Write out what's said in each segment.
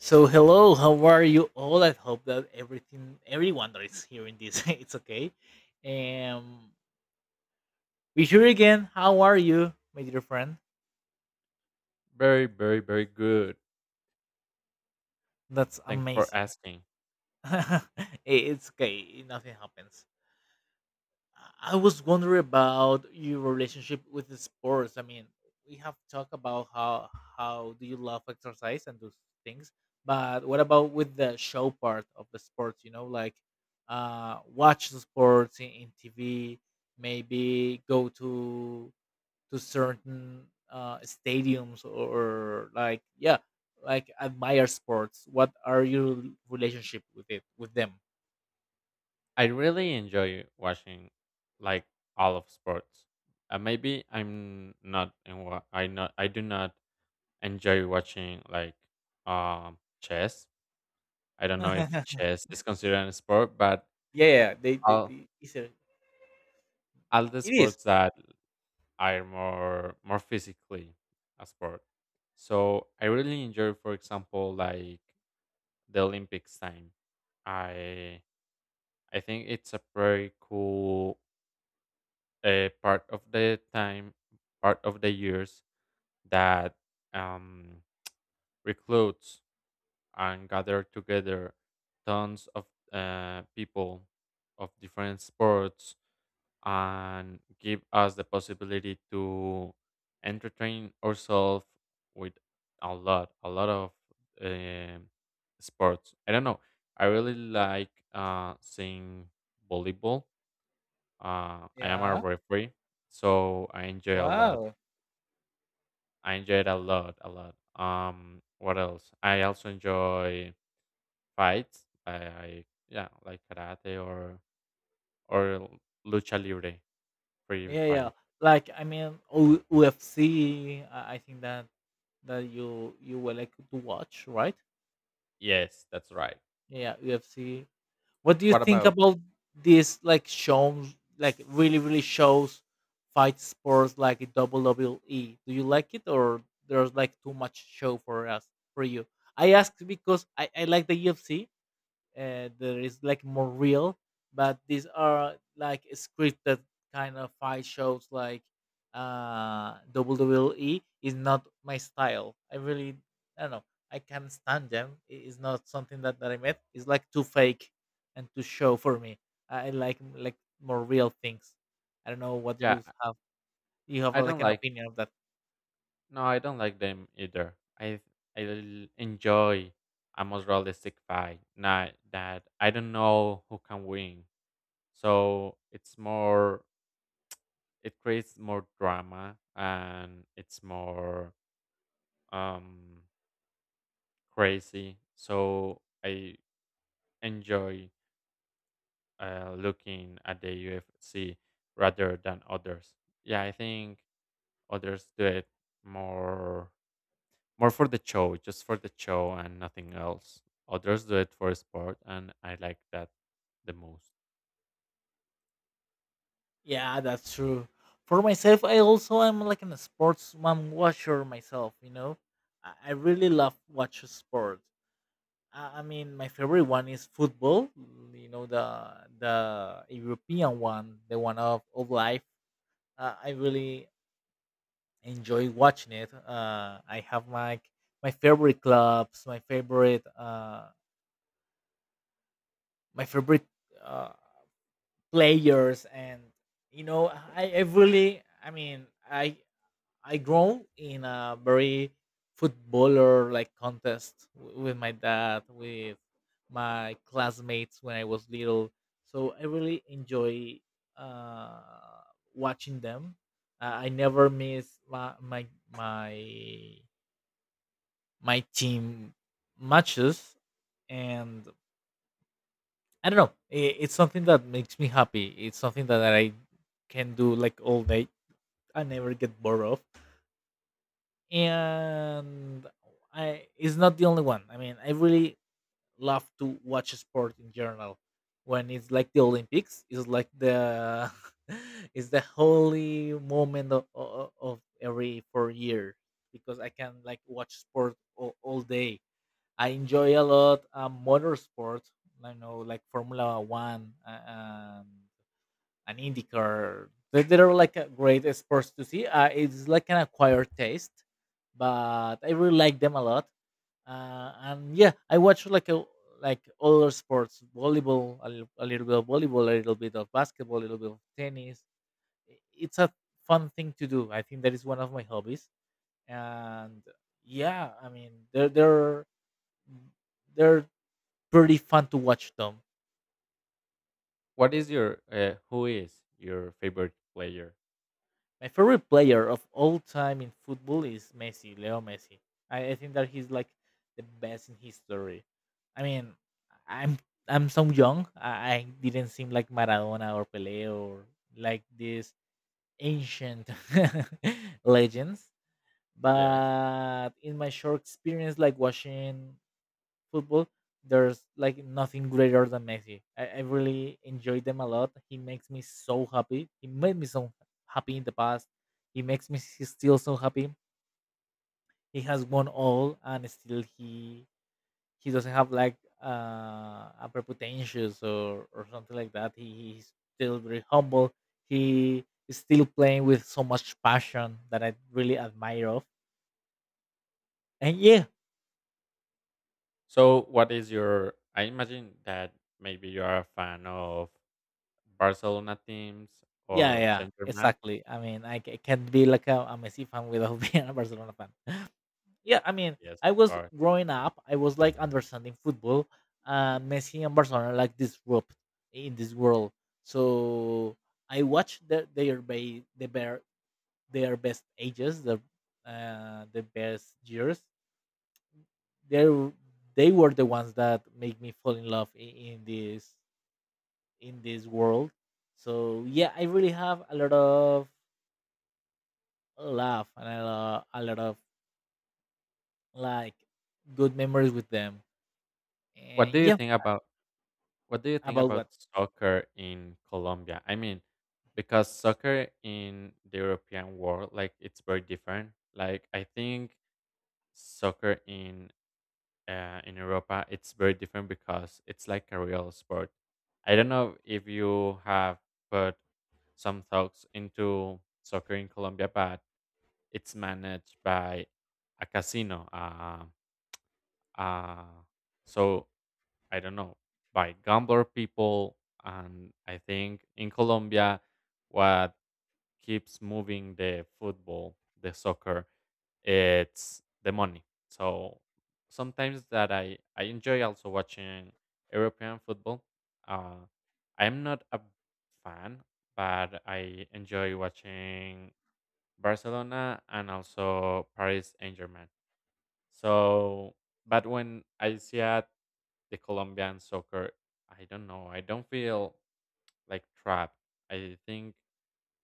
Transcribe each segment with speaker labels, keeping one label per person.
Speaker 1: So hello, how are you all? I hope that everything, everyone that is hearing this, it's okay. Um, we here again. How are you, my dear friend?
Speaker 2: Very, very, very good.
Speaker 1: That's
Speaker 2: Thanks for
Speaker 1: amazing.
Speaker 2: asking.
Speaker 1: I- it's okay. Nothing happens. I was wondering about your relationship with the sports. I mean, we have talked about how do you love exercise and those things, but what about with the show part of the sports? You know, like watch the sports in TV, maybe go to certain stadiums, or like yeah, like admire sports. What are your relationship with it with them?
Speaker 2: I really enjoy watching like all of sports. Maybe I do not enjoy watching like chess. I don't know if
Speaker 1: Yeah,
Speaker 2: chess is considered a sport, but
Speaker 1: yeah, they, they,
Speaker 2: all
Speaker 1: they
Speaker 2: all the
Speaker 1: it is.
Speaker 2: sports that are more physically a sport. So I really enjoy, for example, like the Olympics time. I I think it's a very cool part of the time, part of the years that um, recruits and gather together tons of people of different sports and give us the possibility to entertain ourselves with a lot of um sports. I don't know. I really like seeing volleyball. I am a
Speaker 1: Yeah.
Speaker 2: referee, so I enjoy a lot.
Speaker 1: Wow.
Speaker 2: I enjoy it a lot, a lot. What else? I also enjoy fights. I yeah, like karate or lucha libre, free
Speaker 1: Yeah, yeah.
Speaker 2: fight.
Speaker 1: Like I mean, UFC. I think that you were like to watch, right?
Speaker 2: Yes, that's right.
Speaker 1: Yeah, UFC. What do you
Speaker 2: What
Speaker 1: think
Speaker 2: about?
Speaker 1: about these like shows? Like really, really shows fight sports like WWE. Do you like it or there's like too much show for us, for you? I ask because I like the UFC, that is like more real, but these are like scripted kind of fight shows like WWE is not my style. I don't know, I can't stand them. It is not something that I met. It's like too fake and too show for me. I like more real things. I don't know what you
Speaker 2: Yeah,
Speaker 1: have you have
Speaker 2: I
Speaker 1: like
Speaker 2: don't
Speaker 1: an
Speaker 2: like.
Speaker 1: opinion of that.
Speaker 2: No, I don't like them either. I enjoy a most realistic fight. Not that I don't know who can win. So it's more, it creates more drama and it's more um, crazy. So I enjoy looking at the UFC rather than others. Yeah, I think others do it more more for the show, just for the show and nothing else. Others do it for sport, and I like that the most.
Speaker 1: Yeah, that's true. For myself, I also am like an sportsman watcher myself. You know, I really love watch sports. I mean, my favorite one is football. You know, the European one, the one of life. I really enjoy watching it. I have my favorite clubs, my favorite uh, players, and you know, I mean, I grown in a very footballer like contest with my dad, with my classmates when I was little. So I really enjoy uh, watching them. I never miss my team matches, and I don't know. It's something that makes me happy. It's something that I can do like all day. I never get bored of. And I it's not the only one. I mean, I really love to watch sport in general. When it's like the Olympics, it's like the it's the holy moment of every 4 years, because I can like watch sport all day. I enjoy a lot motorsport. I know like Formula One um, an IndyCar. They are like a great sports to see. It's like an acquired taste, but I really like them a lot. And yeah, I watch like a like other sports, volleyball, a little bit of volleyball, a little bit of basketball, a little bit of tennis. It's a fun thing to do. I think that is one of my hobbies. And yeah, I mean, they're pretty fun to watch them.
Speaker 2: What is your who is your favorite player?
Speaker 1: My favorite player of all time in football is Messi, Leo Messi. I think that he's like the best in history. I mean, I'm I'm so young. I didn't seem like Maradona or Pele or like these ancient legends.
Speaker 2: Yes.
Speaker 1: But in my short experience, like watching football, there's like nothing greater than Messi. I really enjoy them a lot. He makes me so happy. He made me so happy in the past. He makes me still so happy. He has won all, and still he doesn't have like a prepotentious or something like that. He's still very humble. He is still playing with so much passion that I really admire of. And yeah,
Speaker 2: So, what is your? I imagine that maybe you are a fan of Barcelona teams
Speaker 1: yeah,
Speaker 2: or
Speaker 1: yeah,
Speaker 2: Saint Germain.
Speaker 1: exactly. I mean, can be like a Messi fan without being a Barcelona fan. Yeah, I mean,
Speaker 2: Yes,
Speaker 1: I
Speaker 2: of
Speaker 1: was
Speaker 2: course.
Speaker 1: growing up, I was like understanding football. Messi and Barcelona like disrupt in this world. So I watched the bear, their best ages, the best years. They they were the ones that make me fall in love in this world. So yeah, I really have a lot of laugh and a lot of like good memories with them.
Speaker 2: What do
Speaker 1: And
Speaker 2: you
Speaker 1: yeah,
Speaker 2: think about what do you think
Speaker 1: about
Speaker 2: about
Speaker 1: what?
Speaker 2: soccer in Colombia? I mean, because soccer in the European world, like it's very different. Like I think soccer in Europa, it's very different because it's like a real sport. I don't know if you have put some thoughts into soccer in Colombia, but it's managed by a casino. Uh, so I don't know, by gambler people, and I think in Colombia, what keeps moving the football, the soccer, it's the money. So sometimes that I enjoy also watching European football. Uh, I'm not a fan, but I enjoy watching Barcelona and also Paris Saint Germain. So, but when I see at the Colombian soccer, I don't know. I don't feel like trapped. I think,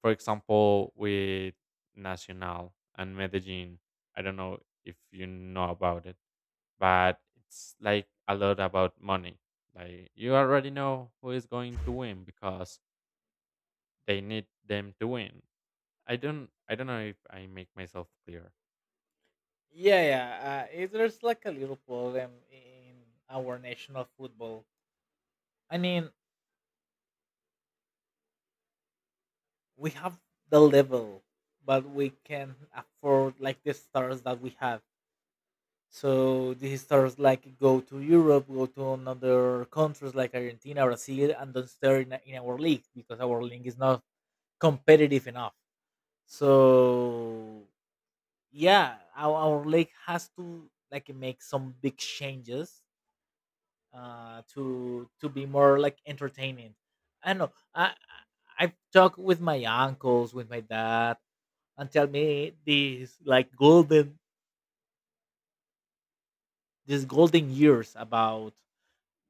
Speaker 2: for example, with Nacional and Medellin, I don't know if you know about it, but it's like a lot about money. Like you already know who is going to win because they need them to win. I don't know if I make myself clear.
Speaker 1: Yeah, yeah. There's like a little problem in our national football. I mean, we have the level, but we can afford like the stars that we have. So these stars like go to Europe, go to another countries like Argentina, Brazil, and don't stay in our league because our league is not competitive enough. So yeah, our league has to like make some big changes, to be more like entertaining. I don't know, I've talked with my uncles, with my dad, and tell me these like golden these golden years about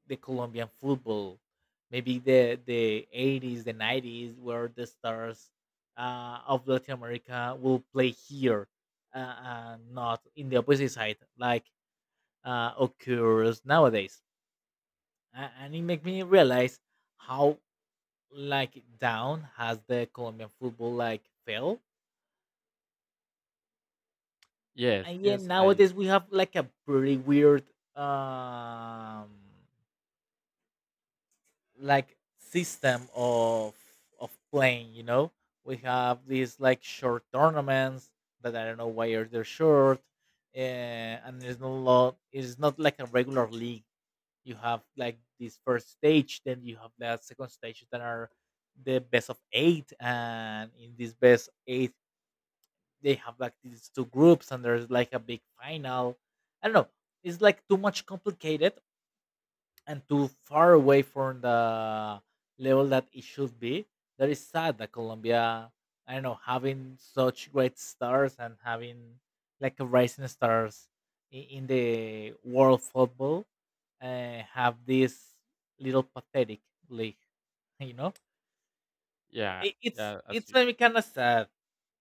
Speaker 1: the Colombian football, maybe the 80s, the 90s, where the stars of Latin America will play here, uh, and not in the opposite side like occurs nowadays. And it made me realize how like down has the Colombian football like fell.
Speaker 2: Yes,
Speaker 1: And yeah,
Speaker 2: yes, I
Speaker 1: nowadays we have like a pretty weird um like system of playing. You know, we have these like short tournaments that I don't know why are they short, and there's no lot. It's not like a regular league. You have like this first stage, then you have the second stage that are the best of eight, and in this best eight they have like these two groups, and there's like a big final. I don't know, it's like too much complicated and too far away from the level that it should be. That is sad that Colombia, I don't know, having such great stars and having like a rising stars in the world football, have this little pathetic league. You know,
Speaker 2: yeah,
Speaker 1: it, it's
Speaker 2: yeah, as
Speaker 1: it's kind of sad.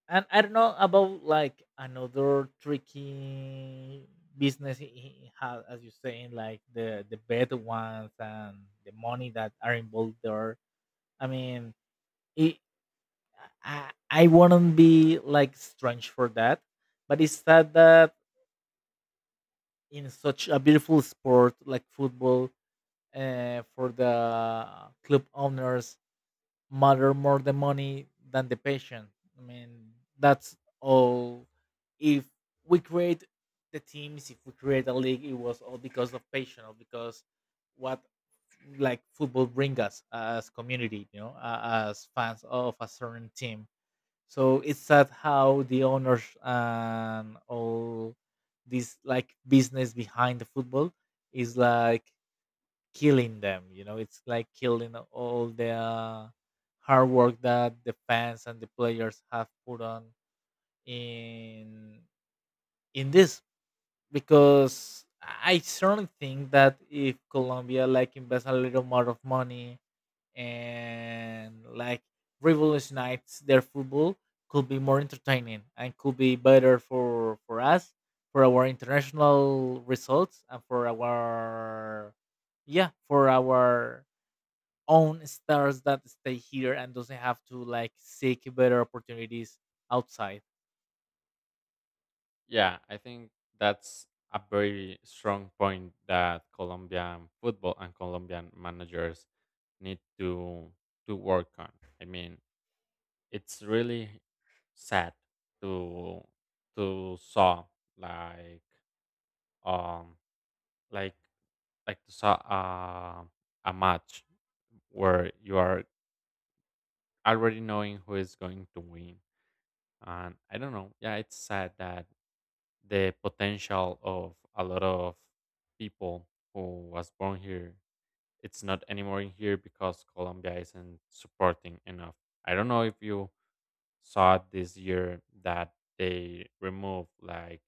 Speaker 1: And I don't know about like another tricky business he has, as you saying, like the bad ones and the money that are involved there. I mean, it, I wouldn't be like strange for that, but it's sad that in such a beautiful sport like football, for the club owners matter more the money than the patient. I mean, that's all. If we create the teams, if we create a league, it was all because of patience. Because what like football bring us as community, you know, as fans of a certain team. So it's sad how the owners and all this like business behind the football is like killing them. You know, it's like killing all the hard work that the fans and the players have put on in this. Because I certainly think that if Colombia like invests a little more of money and like revolutionize their football, could be more entertaining and could be better for us, for our international results and for our, yeah, for our own stars that stay here and doesn't have to like seek better opportunities outside.
Speaker 2: yeah, I think that's a very strong point that Colombian football and Colombian managers need to work on. I mean, it's really sad to to saw like um like like to saw a match where you are already knowing who is going to win. And I don't know. Yeah, it's sad that the potential of a lot of people who was born here, it's not anymore in here because Colombia isn't supporting enough. I don't know if you saw it this year that they removed like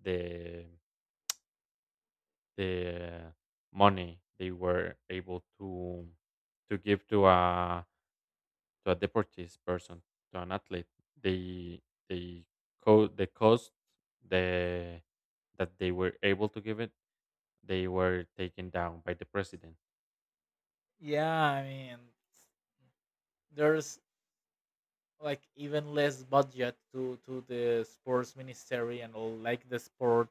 Speaker 2: the the money they were able to give to a deportees person, to an athlete. they they the cost, the that they were able to give it, they were taken down by the president.
Speaker 1: Yeah, I mean, there's like even less budget to the sports ministry and all like the sport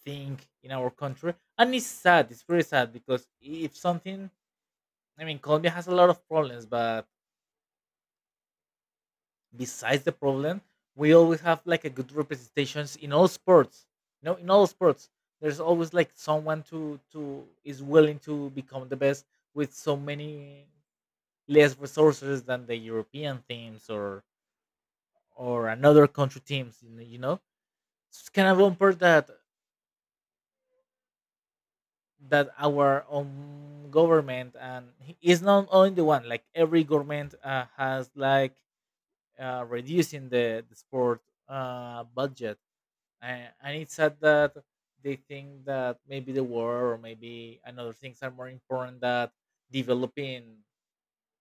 Speaker 1: thing in our country, and it's sad. It's very sad because if something, I mean, Colombia has a lot of problems, but besides the problem, we always have like a good representations in all sports. You know, in all sports, there's always like someone to is willing to become the best with so many less resources than the European teams or another country teams. You know? It's kind of important that our own government and is not only the one. Like every government has like reducing the sport budget, and it's sad that they think that maybe the war or maybe another things are more important that developing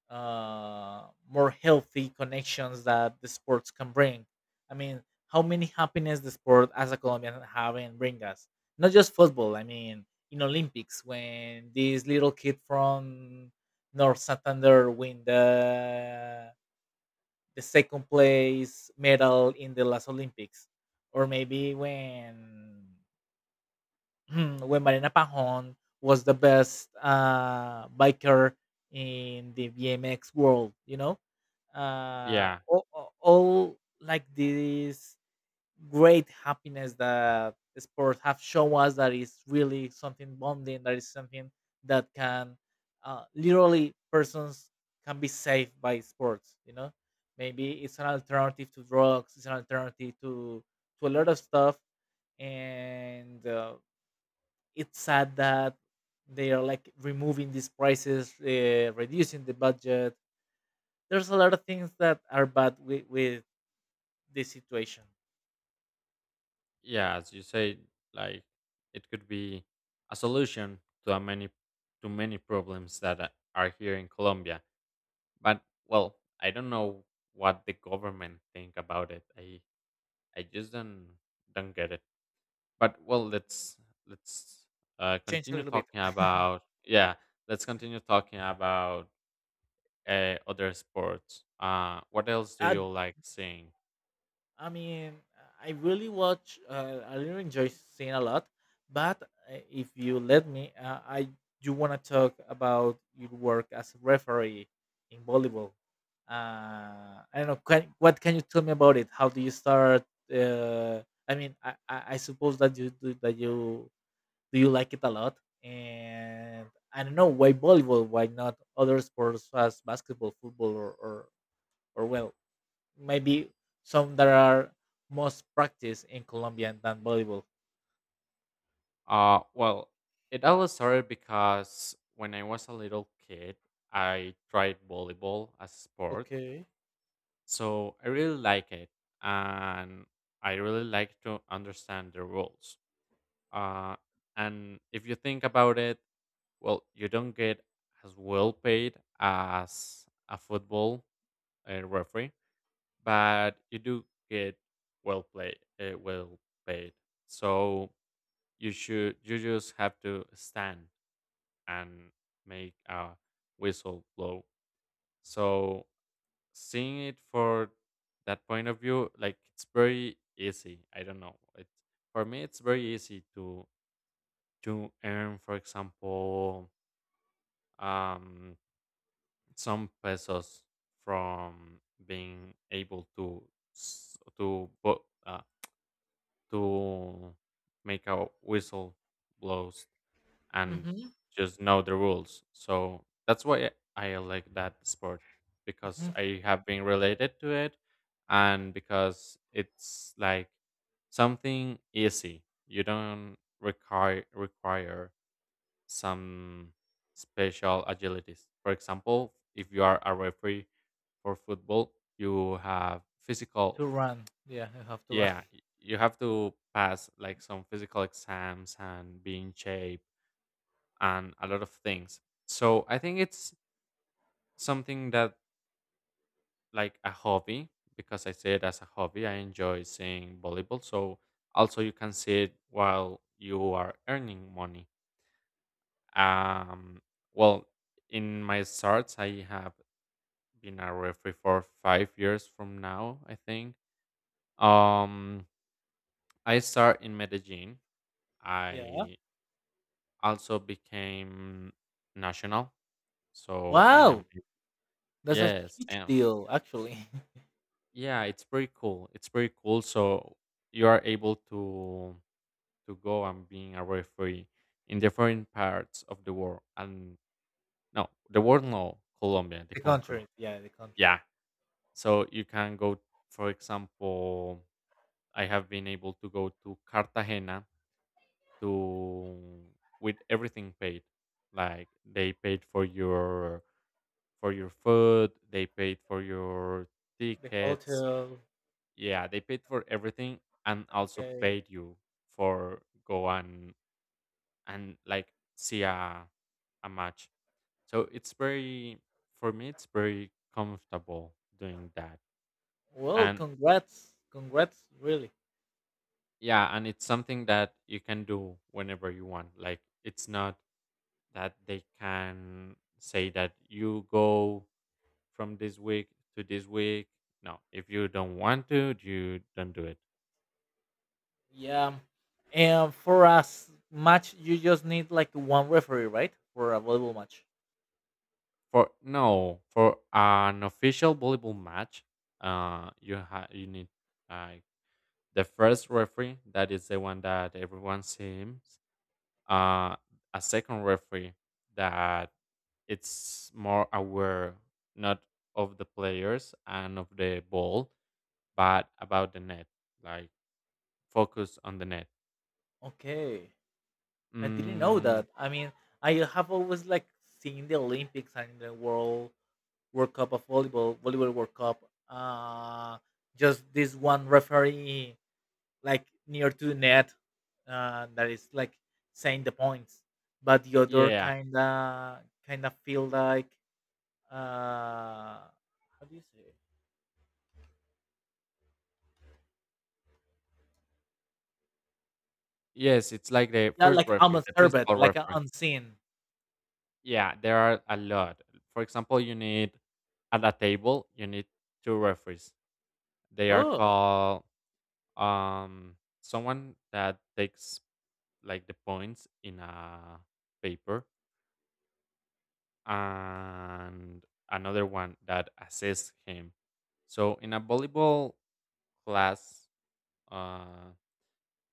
Speaker 1: more healthy connections that the sports can bring. I mean, how many happiness the sport as a Colombian have and bring us? Not just football. I mean, in Olympics when this little kid from North Santander win the second place medal in the last Olympics, or maybe when when Marina Pajon was the best biker in the BMX world, you know, uh,
Speaker 2: Yeah,
Speaker 1: all, all like these great happiness that sports have shown us that is really something bonding, that is something that can literally persons can be saved by sports. You know, maybe it's an alternative to drugs, it's an alternative to a lot of stuff, and it's sad that they are like removing these prices, reducing the budget. There's a lot of things that are bad with this situation.
Speaker 2: yeah, as you say, like it could be a solution to a many, to many problems that are here in Colombia. But well, I don't know what the government think about it. I just don't get it. But well, let's
Speaker 1: Change a
Speaker 2: continue
Speaker 1: little bit.
Speaker 2: talking about yeah. Let's continue talking about other sports. What else do
Speaker 1: Uh,
Speaker 2: you like seeing?
Speaker 1: I mean, I really watch. I really enjoy seeing a lot. But if you let me, I do want to talk about your work as a referee in volleyball. I don't know. What can you tell me about it? How do you start? Uh, I suppose that you do you like it a lot. And I don't know why volleyball, why not other sports as basketball, football, or maybe some that are most practiced in Colombian than volleyball.
Speaker 2: Well, it all started because when I was a little kid, I tried volleyball as a sport.
Speaker 1: Okay.
Speaker 2: So I really like it. And I really like to understand the rules. Uh, and if you think about it, well, you don't get as well paid as a football referee, but you do get well played, well paid. So you just have to stand and make a whistle blow. So seeing it for that point of view, like it's very easy. I don't know. It For me, it's very easy to earn, for example, um, some pesos from being able to s- to bo- uh, to make a whistle blows and
Speaker 1: hmm
Speaker 2: just know the rules. So that's why I like that sport, because
Speaker 1: hmm
Speaker 2: I have been related to it and because it's like something easy. You don't require some special agilities. For example, if you are a referee for football, you have physical,
Speaker 1: To run, yeah, you have to run.
Speaker 2: yeah, you have to pass like some physical exams and being shaped and a lot of things. So I think it's something that like a hobby, because I see it as a hobby. I enjoy seeing volleyball. So also you can see it while you are earning money. Um, well, in my starts, I have been a referee for 5 years from now. I think. Um, I start in Medellin.
Speaker 1: Yeah.
Speaker 2: I also became national. So I am
Speaker 1: Wow, that's a
Speaker 2: yes, I
Speaker 1: huge
Speaker 2: am
Speaker 1: deal, actually.
Speaker 2: yeah, it's pretty cool. It's pretty cool. So you are able to go and being a referee in different parts of the world. And no, the world no, Colombia, the
Speaker 1: The
Speaker 2: country.
Speaker 1: country, yeah, the country,
Speaker 2: Yeah. So you can go, for example, I have been able to go to Cartagena to with everything paid. Like they paid for your food, they paid for your
Speaker 1: the
Speaker 2: tickets,
Speaker 1: hotel.
Speaker 2: yeah they paid for everything and also
Speaker 1: Okay.
Speaker 2: paid you for go and like see a match, so it's very, for me it's very comfortable doing that.
Speaker 1: Well,
Speaker 2: And
Speaker 1: congrats, congrats, really.
Speaker 2: yeah, and it's something that you can do whenever you want. Like it's not that they can say that you go from this week to this week. No, if you don't want to, you don't do it.
Speaker 1: Yeah. And for us match, you just need like one referee, right? For a volleyball match.
Speaker 2: For no, for an official volleyball match, you need uh, the first referee that is the one that everyone sees. Uh, a second referee that it's more aware not of the players and of the ball, but about the net, like focus on the net.
Speaker 1: Okay. I didn't know
Speaker 2: Mm,
Speaker 1: that. I mean, I have always like seen the Olympics and the World Cup of volleyball, volleyball World Cup. Uh, just this one referee like near to the net, that is like saying the points. But the other
Speaker 2: yeah,
Speaker 1: kinda feel like uh, how do you say? It?
Speaker 2: yes, it's like the
Speaker 1: Yeah,
Speaker 2: first
Speaker 1: like
Speaker 2: referee,
Speaker 1: almost
Speaker 2: the
Speaker 1: servant,
Speaker 2: principal
Speaker 1: like an
Speaker 2: referee.
Speaker 1: unseen.
Speaker 2: Yeah, there are a lot. For example, you need at a table, you need two referees. They are
Speaker 1: Oh.
Speaker 2: called um someone that takes like the points in a paper and another one that assists him. So in a volleyball class uh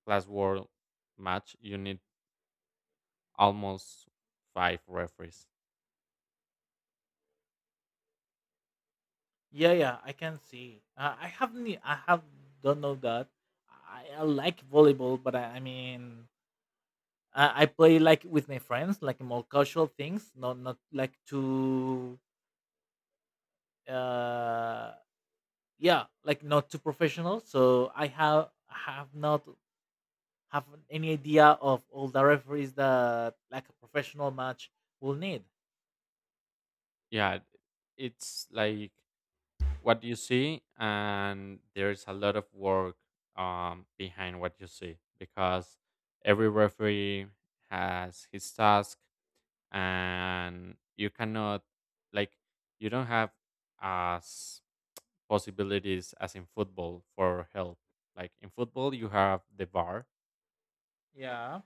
Speaker 2: class world match, you need almost five referees.
Speaker 1: Yeah, yeah, I can see. I haven't. E- I have don't know that. I like volleyball, but I mean, I play like with my friends, like more casual things, not like too. Uh, yeah, like not too professional. So I have not have any idea of all the referees that like a professional match will need.
Speaker 2: Yeah, it's like what you see and there's a lot of work behind what you see, because every referee has his task and you cannot like, you don't have as possibilities as in football for help. Like in football you have the bar,
Speaker 1: Yeah,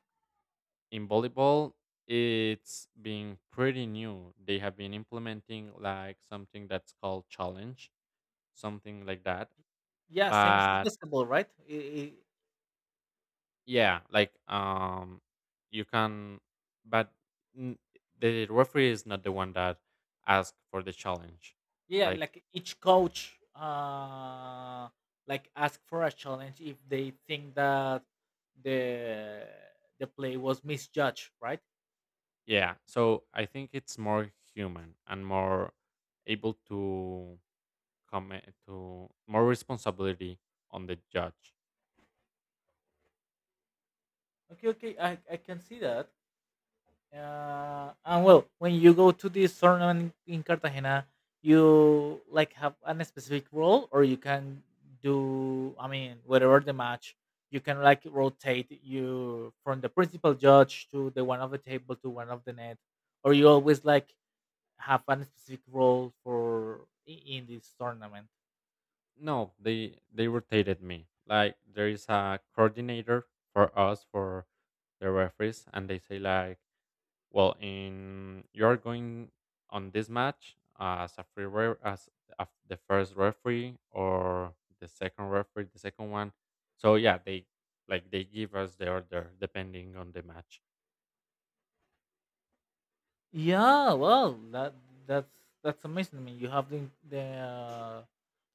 Speaker 2: in volleyball it's been pretty new, they have been implementing like something that's called challenge, something like that,
Speaker 1: yeah, same as
Speaker 2: but
Speaker 1: basketball, right?
Speaker 2: yeah, like you can, but n- the referee is not the one that asked for the challenge.
Speaker 1: Yeah,
Speaker 2: Like,
Speaker 1: like each coach like ask for a challenge if they think that the the play was misjudged, right?
Speaker 2: yeah, so I think it's more human and more able to comment to more responsibility on the judge.
Speaker 1: Okay, okay, I can see that. And well, when you go to this tournament in Cartagena, you like have an specific role, or you can do, I mean, whatever the match, you can like rotate you from the principal judge to the one of the table to one of the net, or you always like have a specific role for in this tournament.
Speaker 2: No, they rotated me. Like there is a coordinator for us for the referees, and they say like, well, in you are going on this match as a free ref, as a, the first referee or the second referee, the second one. So yeah, they like they give us the order depending on the match.
Speaker 1: Yeah, well, that's that's amazing. I mean, you have the the, uh,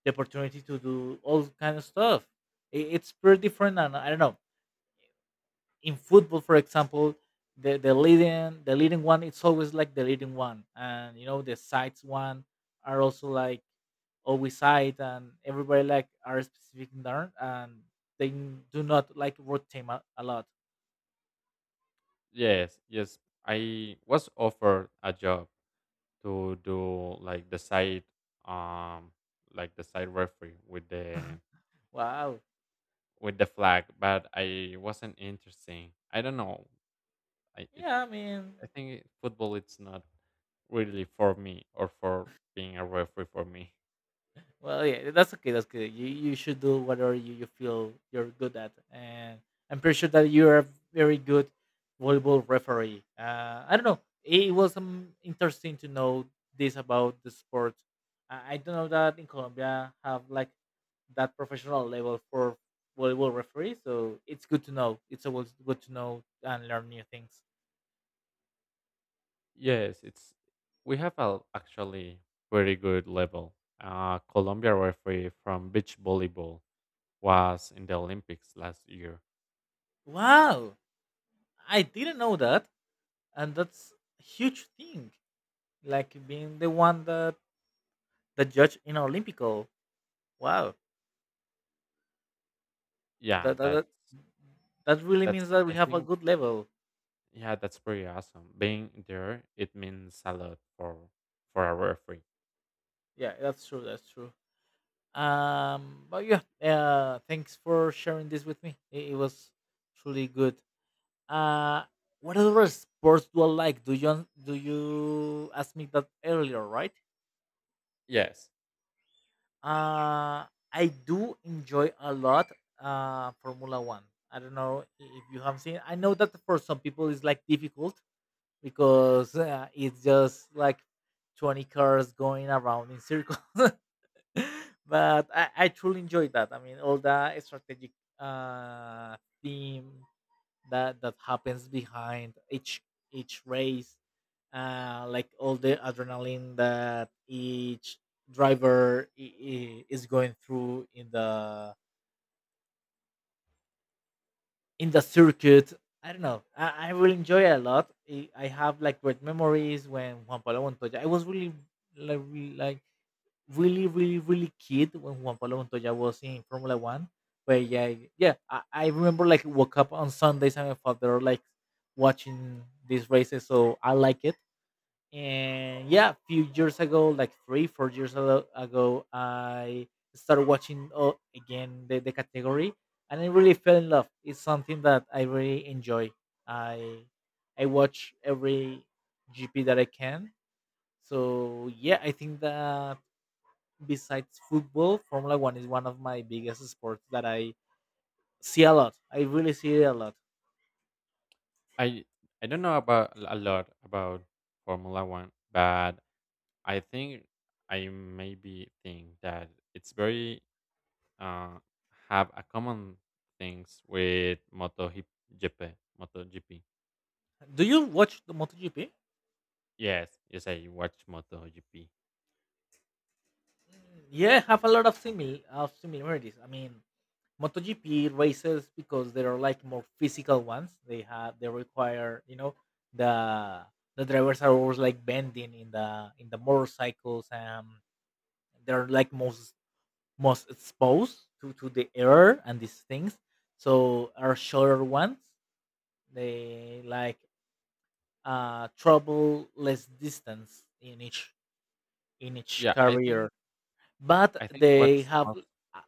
Speaker 1: the opportunity to do all kind of stuff. It's pretty different, and I don't know. In football, for example, the leading one, it's always like the leading one, and you know the sides one are also like always side, and everybody like are specific in there, and they do not like rotate a lot.
Speaker 2: Yes, yes. I was offered a job to do um, like the side referee with the
Speaker 1: Wow.
Speaker 2: flag, but I wasn't interested. I don't know. I, it
Speaker 1: Yeah, I mean,
Speaker 2: I think football it's not really for me or for being a referee for me.
Speaker 1: well, yeah, that's okay. That's good. You should do whatever you, you feel you're good at, and I'm pretty sure that you're a very good volleyball referee. I don't know. It was interesting to know this about the sport. I don't know that in Colombia have like that professional level for volleyball referee, so it's good to know. It's always good to know and learn new things.
Speaker 2: Yes, it's, we have a actually very good level. Colombia referee from beach volleyball was in the Olympics last year.
Speaker 1: Wow, I didn't know that, and that's a huge thing. Like being the one that that judge in Olympico. Wow,
Speaker 2: Yeah,
Speaker 1: that that
Speaker 2: that's
Speaker 1: that that really means that we
Speaker 2: I
Speaker 1: have a
Speaker 2: think
Speaker 1: good level.
Speaker 2: yeah that's pretty awesome. Being there it means a lot for a referee.
Speaker 1: Yeah, that's true. That's true. But yeah, thanks for sharing this with me. It was truly good. Uh, what other sports do I like? Do you ask me that earlier, right?
Speaker 2: Yes,
Speaker 1: Uh, I do enjoy a lot Formula One. I don't know if you have seen. I know that for some people it's like difficult because it's just like 20 cars going around in circles. But I truly enjoyed that. I mean, all the strategic uh, theme that that happens behind each race, like all the adrenaline that each driver is going through in the circuit. I don't know. I will enjoy it a lot. I have like great memories when Juan Pablo Montoya. I was really like re- like really really really kid when Juan Pablo Montoya was in Formula One. But yeah, yeah. I remember like woke up on Sundays and my father like watching these races, so I like it. And yeah, a few years ago, like 3 4 years ago, I started watching again the category, and I really fell in love. It's something that I really enjoy. i I watch every gp that I can. So yeah, I think that besides football, formula one is one of my biggest sports that I see a lot. I really see it a lot.
Speaker 2: I I don't know about a lot about Formula One, but I think I maybe think that it's very uh, have a common things with MotoGP. MotoGP.
Speaker 1: Do you watch the MotoGP?
Speaker 2: Yes, yes, I watch MotoGP.
Speaker 1: Yeah, I have a lot of similarities. I mean, MotoGP races because they are like more physical ones. They require, you know, the the drivers are always like bending in the motorcycles, and they're like most exposed to the air and these things. So are shorter ones. They like trouble less distance in each
Speaker 2: Yeah, I
Speaker 1: career,
Speaker 2: think
Speaker 1: but
Speaker 2: I think
Speaker 1: they
Speaker 2: what's
Speaker 1: have.
Speaker 2: most.
Speaker 1: uh,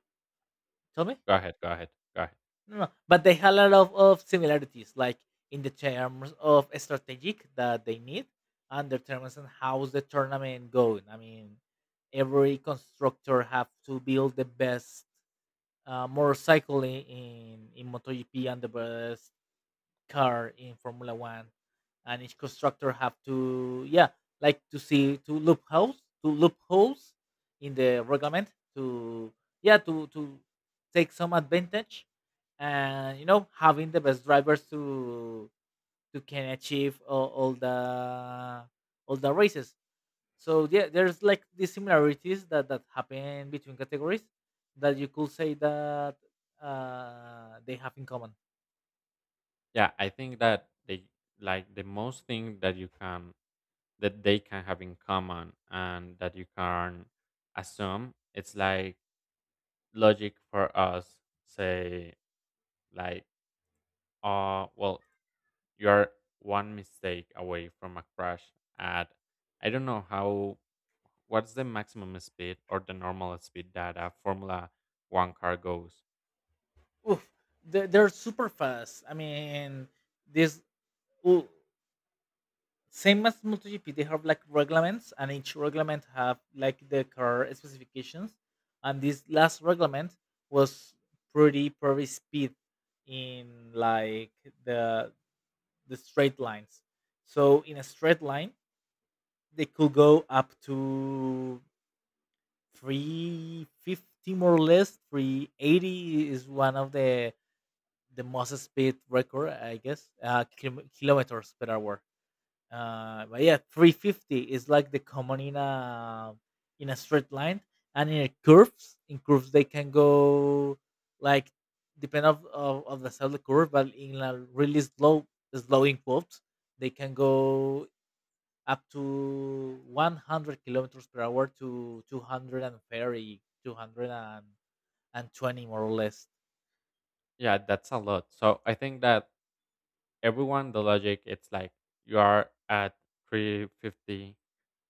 Speaker 1: Tell me.
Speaker 2: Go ahead, go ahead, go ahead.
Speaker 1: No, no, but they had a lot of similarities, like in the terms of strategic that they need, and the terms on how's the tournament going. I mean, every constructor have to build the best motorcycle in in MotoGP and the best car in Formula One, and each constructor have to, yeah, like to see to loopholes in the reglement to yeah to take some advantage, and you know having the best drivers to can achieve all the races. So yeah, there's like these similarities that that happen between categories that you could say that they have in common.
Speaker 2: Yeah, I think that they, like the most thing that you can, that they can have in common and that you can assume, it's like logic for us, say like, well, you are one mistake away from a crash at, I don't know how, what's the maximum speed or the normal speed that a Formula One car goes.
Speaker 1: Oof, they- they're super fast. I mean this Well, same as MotoGP, they have like reglements, and each reglement have like the car specifications. And this last reglement was pretty pretty speed in like the the straight lines. So in a straight line, they could go up to 350 more or less. 380 is one of the most speed record, I guess, kilo- kilometers per hour. But yeah, 350 is like the common in a straight line, and in curves, they can go like depend of the cell curve, but in a really slow in curves, they can go up to 100 kilometers per hour to 230 220 more or less.
Speaker 2: Yeah, that's a lot. So I think that everyone the logic it's like you are at three hundred fifty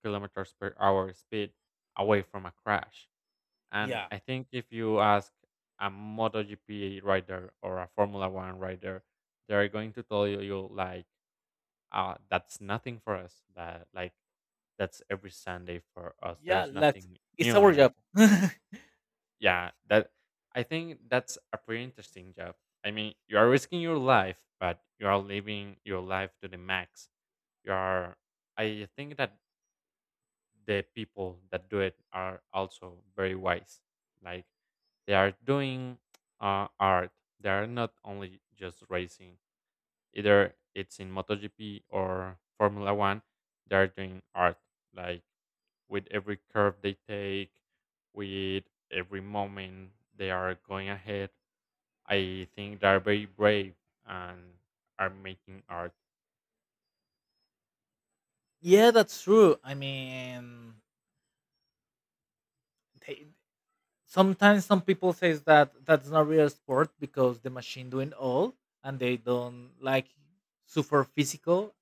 Speaker 2: kilometers per hour speed away from a crash. And
Speaker 1: Yeah.
Speaker 2: I think if you ask a MotoGP rider or a Formula One rider, they're going to tell you like, that's nothing for us. That like that's every Sunday for us. There
Speaker 1: Yeah,
Speaker 2: is
Speaker 1: like
Speaker 2: nothing
Speaker 1: it's
Speaker 2: new
Speaker 1: our
Speaker 2: in it.
Speaker 1: job.
Speaker 2: Yeah, that, I think that's a pretty interesting job. I mean, you are risking your life, but you are living your life to the max. You are. I think that the people that do it are also very wise. Like they are doing art. They are not only just racing. Either it's in MotoGP or Formula One, they're doing art. Like with every curve they take, with every moment they are going ahead, I think they are very brave and are making art.
Speaker 1: Yeah, that's true. I mean they, sometimes some people says that that's not real sport because the machine doing all, and they don't like super physical,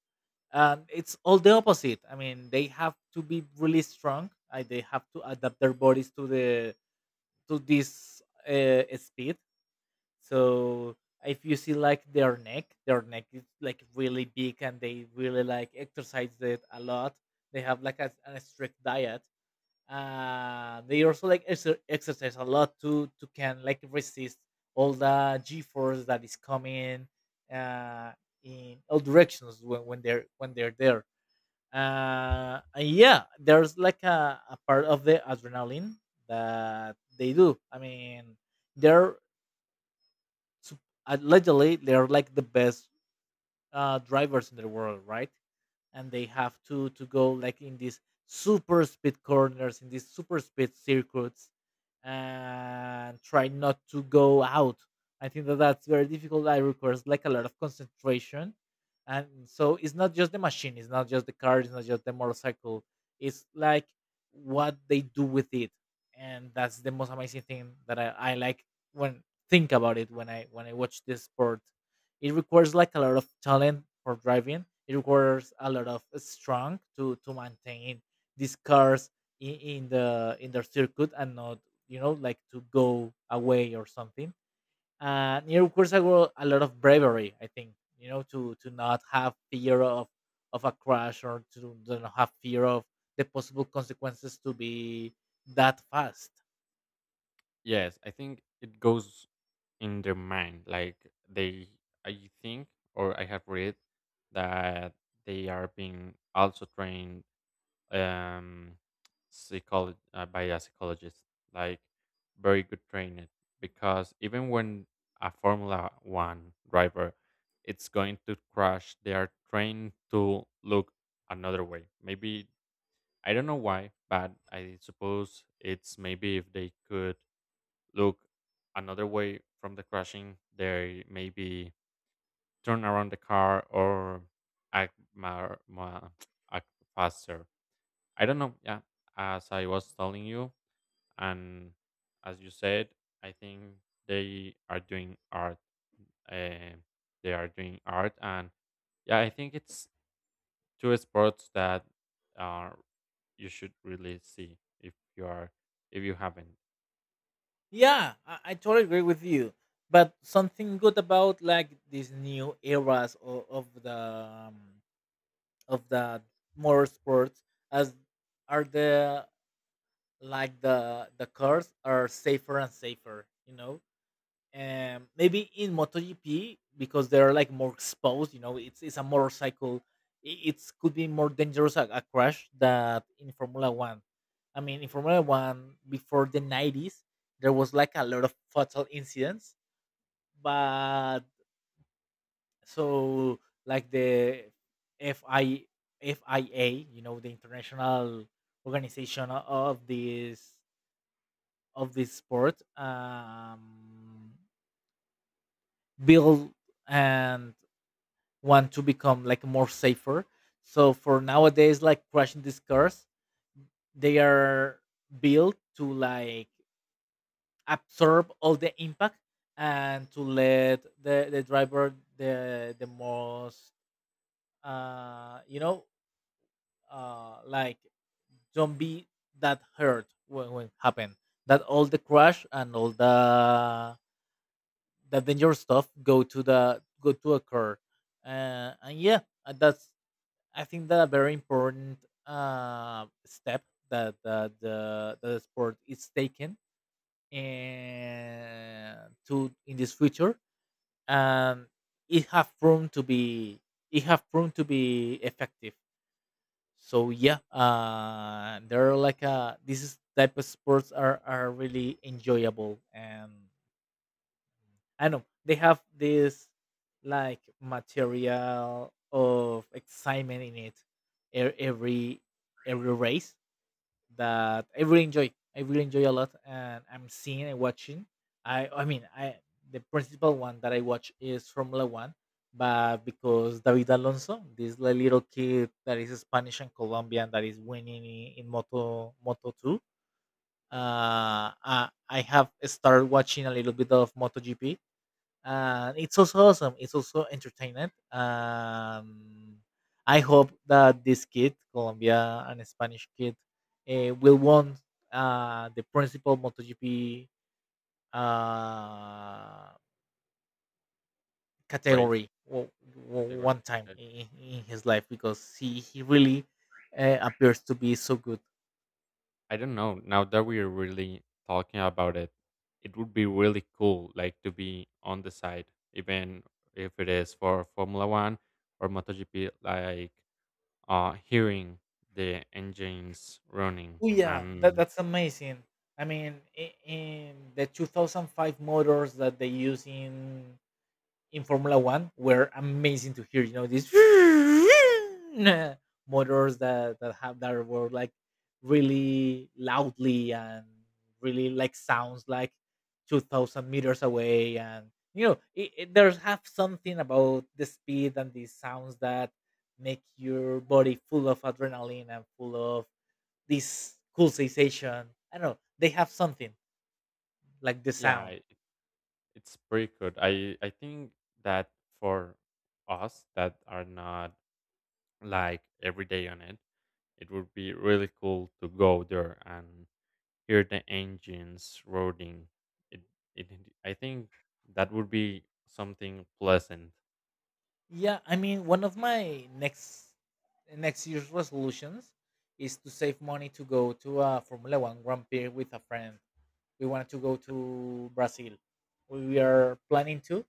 Speaker 1: and it's all the opposite. I mean, they have to be really strong. They have to adapt their bodies to the to this speed. So if you see like their neck is like really big, and they really like exercise it a lot. They have like a strict diet. They also like exercise a lot to can like resist all the g force that is coming uh in all directions when they're there. And yeah, there's like a part of the adrenaline that they do. I mean, they're sup- allegedly they're like the best drivers in the world, right? And they have to go like in these super speed corners, in these super speed circuits, and try not to go out. I think that that's very difficult, that requires like a lot of concentration. And so it's not just the machine, it's not just the car, it's not just the motorcycle, it's like what they do with it. And that's the most amazing thing that I like when think about it when I watch this sport. It requires like a lot of talent for driving. It requires a lot of strength to maintain these cars in the in their circuit and not, you know, like to go away or something. And it requires lo- a lot of bravery, I think. You know, to not have fear of a crash or to not have fear of the possible consequences to be that fast.
Speaker 2: Yes, I think it goes in their mind. Like they, I think, or I have read that they are being also trained um psychology by a psychologist, like very good training, because even when a formula 1 driver it's going to crash, they are trained to look another way maybe. I don't know why, but I suppose it's maybe if they could look another way from the crashing, they maybe turn around the car or act more act faster. I don't know. Yeah, as I was telling you, and as you said, I think they are doing art. Uh, they are doing art, and yeah, I think it's two sports that uh, you should really see if you are, if you haven't.
Speaker 1: Yeah, I totally agree with you. But something good about like these new eras of the um, of the motorsports as are the like the cars are safer and safer. You know, maybe in MotoGP because they're like more exposed. You know, it's a motorcycle. It's could be more dangerous a crash than in Formula One. I mean, in Formula One before the 90s, there was like a lot of fatal incidents, but so like the F I FIA, you know, the international organization of this sport, build and want to become like more safer. So for nowadays, like crashing these cars, they are built to like absorb all the impact, and to let the driver the most uh you know like don't be that hurt when happen that all the crash and all the dangerous stuff go to the go to occur. And yeah, that's I think that a very important step that the sport is taken and to in this future, and it have proven to be it have proven to be effective. So yeah, there are like a this is type of sports are really enjoyable, and I know they have this like material of excitement in it. e- Every every race that I really enjoy. I really enjoy a lot, and I'm seeing and watching. I mean I the principal one that I watch is Formula One, but because David Alonso, this little kid that is Spanish and Colombian that is winning in Moto Two, I have started watching a little bit of MotoGP, and it's also awesome. It's also entertainment. I hope that this kid, Colombia and Spanish kid, will won the principal MotoGP uh,
Speaker 2: Race
Speaker 1: category
Speaker 2: category.
Speaker 1: one time
Speaker 2: Okay?
Speaker 1: in his life because he really appears to be so good.
Speaker 2: I don't know. Now that we're really talking about it, it would be really cool, like to be on the side, even if it is for Formula One or MotoGP, like hearing the engines running.
Speaker 1: Oh yeah, that,
Speaker 2: And
Speaker 1: that's amazing. I mean, in the 2005 motors that they use in Formula One were amazing to hear. You know these motors that that have that were like really loudly and really like sounds like 2,000 meters away, and you know it, it, there's have something about the speed and these sounds that make your body full of adrenaline and full of this cool sensation. I don't know. They have something like the
Speaker 2: yeah,
Speaker 1: sound.
Speaker 2: it's pretty good. I think that for us that are not like every day on it, it would be really cool to go there and hear the engines roaring. It, I think that would be something pleasant.
Speaker 1: Yeah, I mean, one of my next year's resolutions is to save money to go to a Formula One Grand Prix with a friend. We wanted to go to Brazil. We are planning to.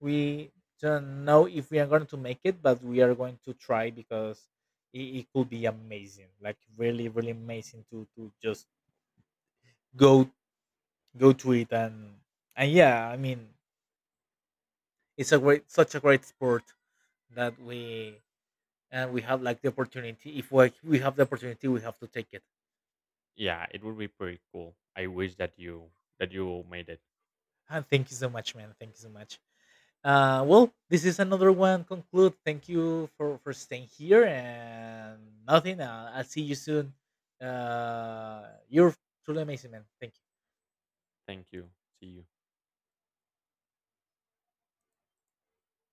Speaker 1: We don't know if we are going to make it, but we are going to try because it could be amazing. Like really, really amazing to just go go to it and yeah, I mean, it's a great such a great sport that we have like the opportunity. If we have the opportunity, we have to take it.
Speaker 2: Yeah, it would be pretty cool. I wish that you, that you made it.
Speaker 1: And thank you so much, man, thank you so much. Well, this is another one conclude. Thank you for staying here, and nothing. I'll see you soon. You're truly amazing, man. Thank you.
Speaker 2: Thank you. See you.